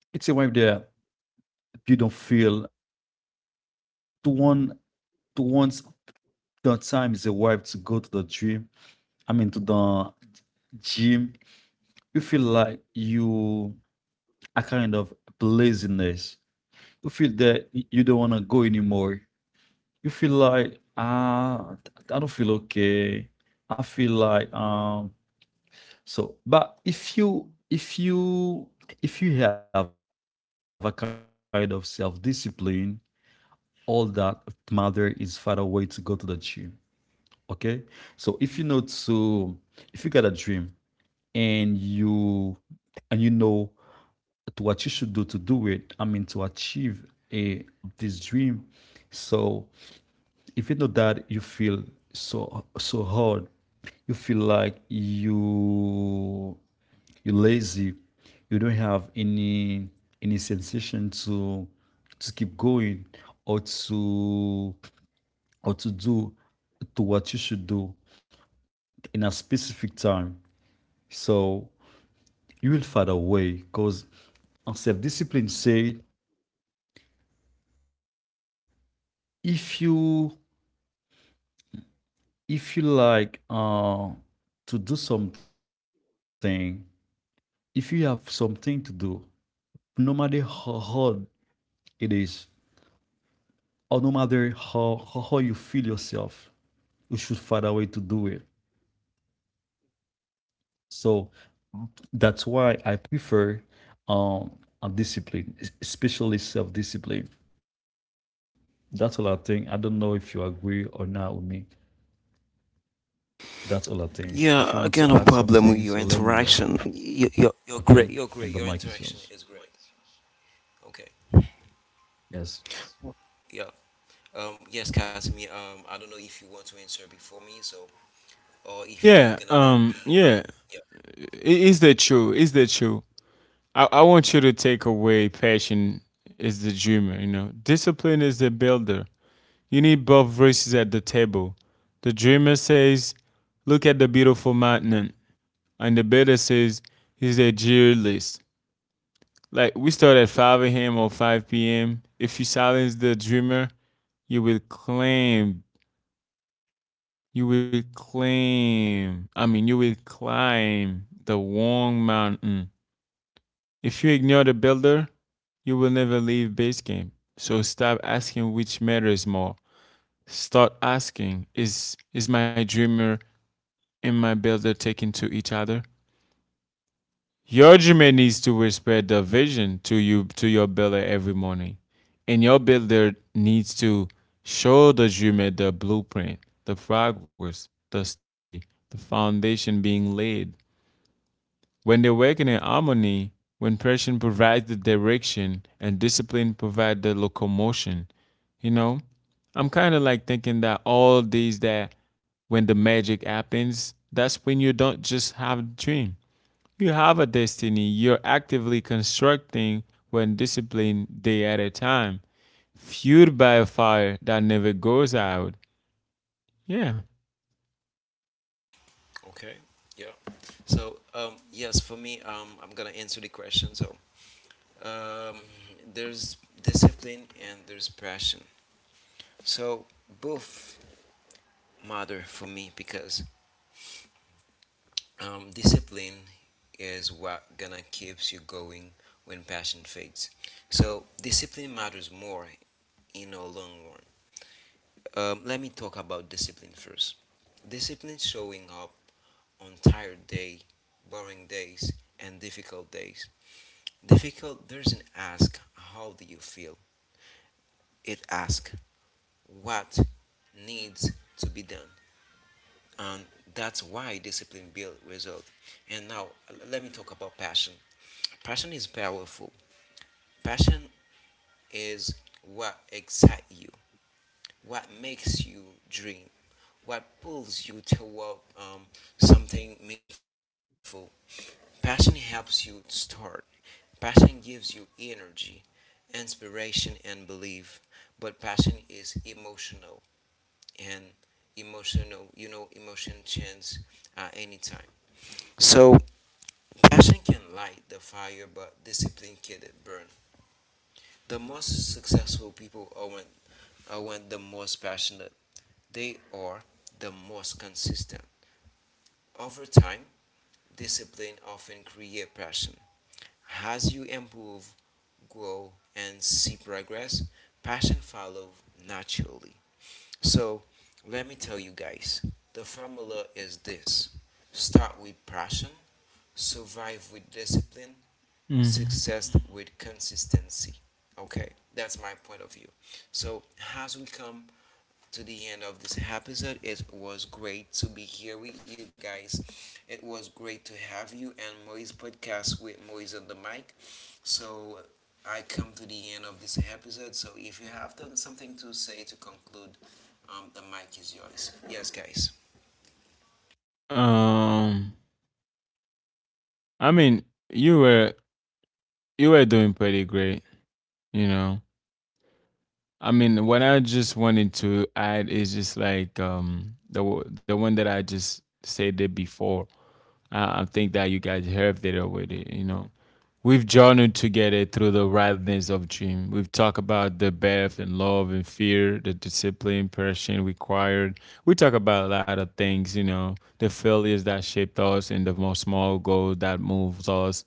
S3: it's a way that you don't feel to one to once the time is arrived to go to the gym. I mean, to the gym. You feel like you are kind of laziness. You feel that you don't want to go anymore. You feel like I don't feel okay. I feel like. So, but if you have a kind of self discipline, all that matter is find a way to go to the gym. Okay. So if you know to if you got a dream, and you and you know to what you should do to do it, I mean to achieve a this dream. So if you know that you feel so hard, you feel like you're lazy. You don't have any sensation to keep going, or to or to do to what you should do in a specific time. So you will find a way, because on self-discipline say, if you if you like to do something, if you have something to do, no matter how hard it is, or no matter how you feel yourself, you should find a way to do it. So that's why I prefer um a discipline, especially self-discipline. That's all I think. I don't know if you agree or not with me. That's all I think. If you
S1: Yeah,
S3: want to
S1: again, no
S3: add
S1: problem
S3: something,
S1: with
S3: so
S1: your
S3: let me know.
S1: interaction. You're
S3: Okay.
S1: great.
S3: And
S1: You're
S3: the
S1: great.
S3: mic
S1: Your
S3: is yours.
S1: interaction is great. Okay.
S3: Yes.
S1: Yeah. Yes, Casimir. I don't know if you want to answer before me, so or if you're
S2: Yeah.
S1: gonna let.
S2: Yeah.
S3: Yes.
S1: Yeah.
S2: Is that true? Is that true? I want you to take away passion is the dreamer. You know, discipline is the builder. You need both voices at the table. The dreamer says, "Look at the beautiful mountain." And the better says he's a dear list. Like we start at 5 a.m. or 5 p.m. If you silence the dreamer, you will claim, you will claim, I mean, you will climb the wrong mountain. If you ignore the builder, you will never leave base game. So stop asking which matters more. Start asking, is my dreamer and my builder taken to each other? Your Jimmy needs to whisper the vision to your builder every morning, and your builder needs to show the Jimmy the blueprint, the progress, the study, the foundation being laid. When they work in harmony, when pressure provides the direction and discipline provides the locomotion, you know, I'm kind of like thinking that all these that when the magic happens, that's when you don't just have a dream. You have a destiny you're actively constructing when disciplined day at a time, fueled by a fire that never goes out. Yeah.
S1: Okay. Yeah. So. Yes, for me. I'm gonna answer the question. So um. There's discipline and there's passion. So both matter for me, because discipline is what gonna keeps you going when passion fades. So discipline matters more in the long run. Let me talk about discipline first. Discipline showing up on tired day, boring days, and difficult days. Difficult doesn't ask how do you feel. It asks what needs to be done, and that's why discipline builds result. And now let me talk about passion. Passion is powerful. Passion is what excites you, what makes you dream, what pulls you toward something meaningful. Passion helps you start. Passion gives you energy, inspiration, and belief. But passion is emotional, and emotional, you know, emotion changes at any time. So passion can light the fire, but discipline can burn. The most successful people aren't the most passionate. They are the most consistent. Over time, discipline often creates passion. As you improve, grow, and see progress, passion follows naturally. So, let me tell you guys, the formula is this: start with passion, survive with discipline,
S2: Mm-hmm.
S1: success with consistency. Okay, that's my point of view. So, as we come to the end of this episode. It was great to be here with you guys. It was great to have you and Moise podcast with Moise on the mic. So I come to the end of this episode. So if you have done something to say to conclude, the mic is yours. Yes, guys.
S2: Um, I mean, you were you were doing pretty great, you know. I mean, what I just wanted to add is just like the one that I just said it before. I think that you guys helped it out with it. You know, we've journeyed together through the wildness of dream. We've talked about the birth and love and fear, the discipline, passion required. We talk about a lot of things. You know, the failures that shaped us and the small goal that moves us.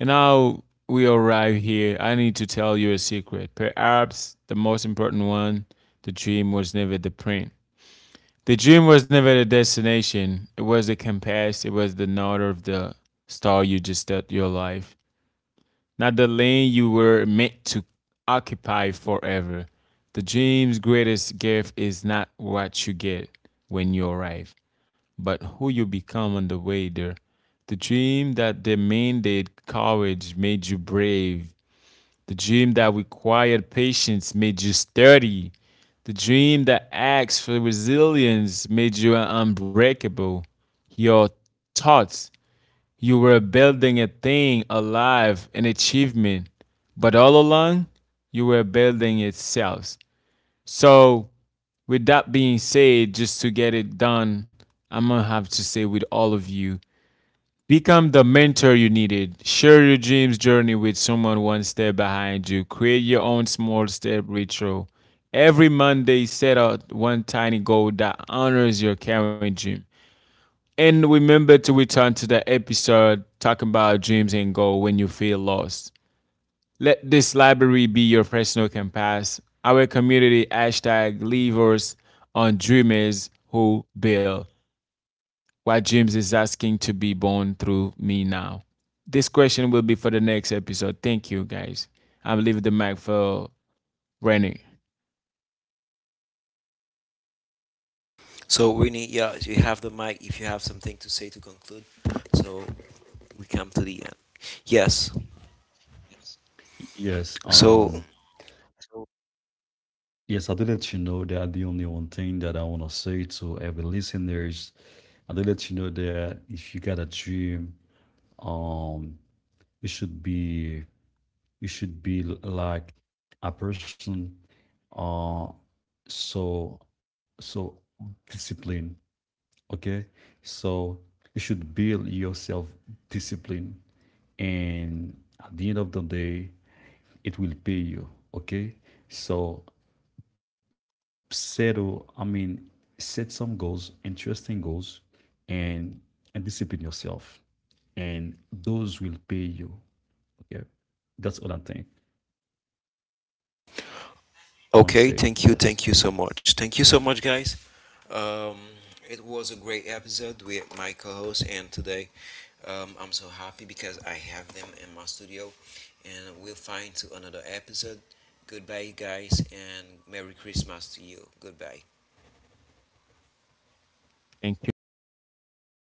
S2: And now we arrive here. I need to tell you a secret. Perhaps the most important one. The dream was never the print the dream was never the destination. It was the compass. It was the north of the star you just set your life. Not the lane you were meant to occupy forever. The dream's greatest gift is not what you get when you arrive, but who you become on the way there. The dream that demanded courage made you brave. The dream that required patience made you sturdy. The dream that asks for resilience made you unbreakable. Your thoughts, you were building a thing alive, an achievement. But all along, you were building itself. So, with that being said, just to get it done, I'm gonna have to say with all of you, become the mentor you needed. Share your dreams journey with someone one step behind you. Create your own small step ritual. Every Monday, set out one tiny goal that honors your current dream. And remember to return to the episode talking about dreams and goal when you feel lost. Let this library be your personal compass. Our community hashtag leavers on dreamers who build why James is asking to be born through me now. This question will be for the next episode. Thank you, guys. I'm leaving the mic for Rennie.
S1: So we need yeah, you have the mic if you have something to say to conclude. So we come to the end. Yes.
S3: Yes.
S1: So
S3: Yes, I did let you know that the only one thing that I want to say to every listeners, I did let you know that if you got a dream, um, you should be you should be like a person, uh so so disciplined, okay? So you should build yourself discipline, and at the end of the day it will pay you, okay? So settle I mean, set some goals, interesting goals, and discipline yourself, and those will pay you. Okay. That's all I think.
S1: okay,
S3: I want to
S1: thank you so
S3: say
S1: much.
S3: yes.
S1: Thank you so much, guys. Um, it was a great episode with my co host, and today I'm so happy because I have them in my studio. And we'll find to another episode. Goodbye, guys, and Merry Christmas to you. Goodbye.
S2: Thank you, guys.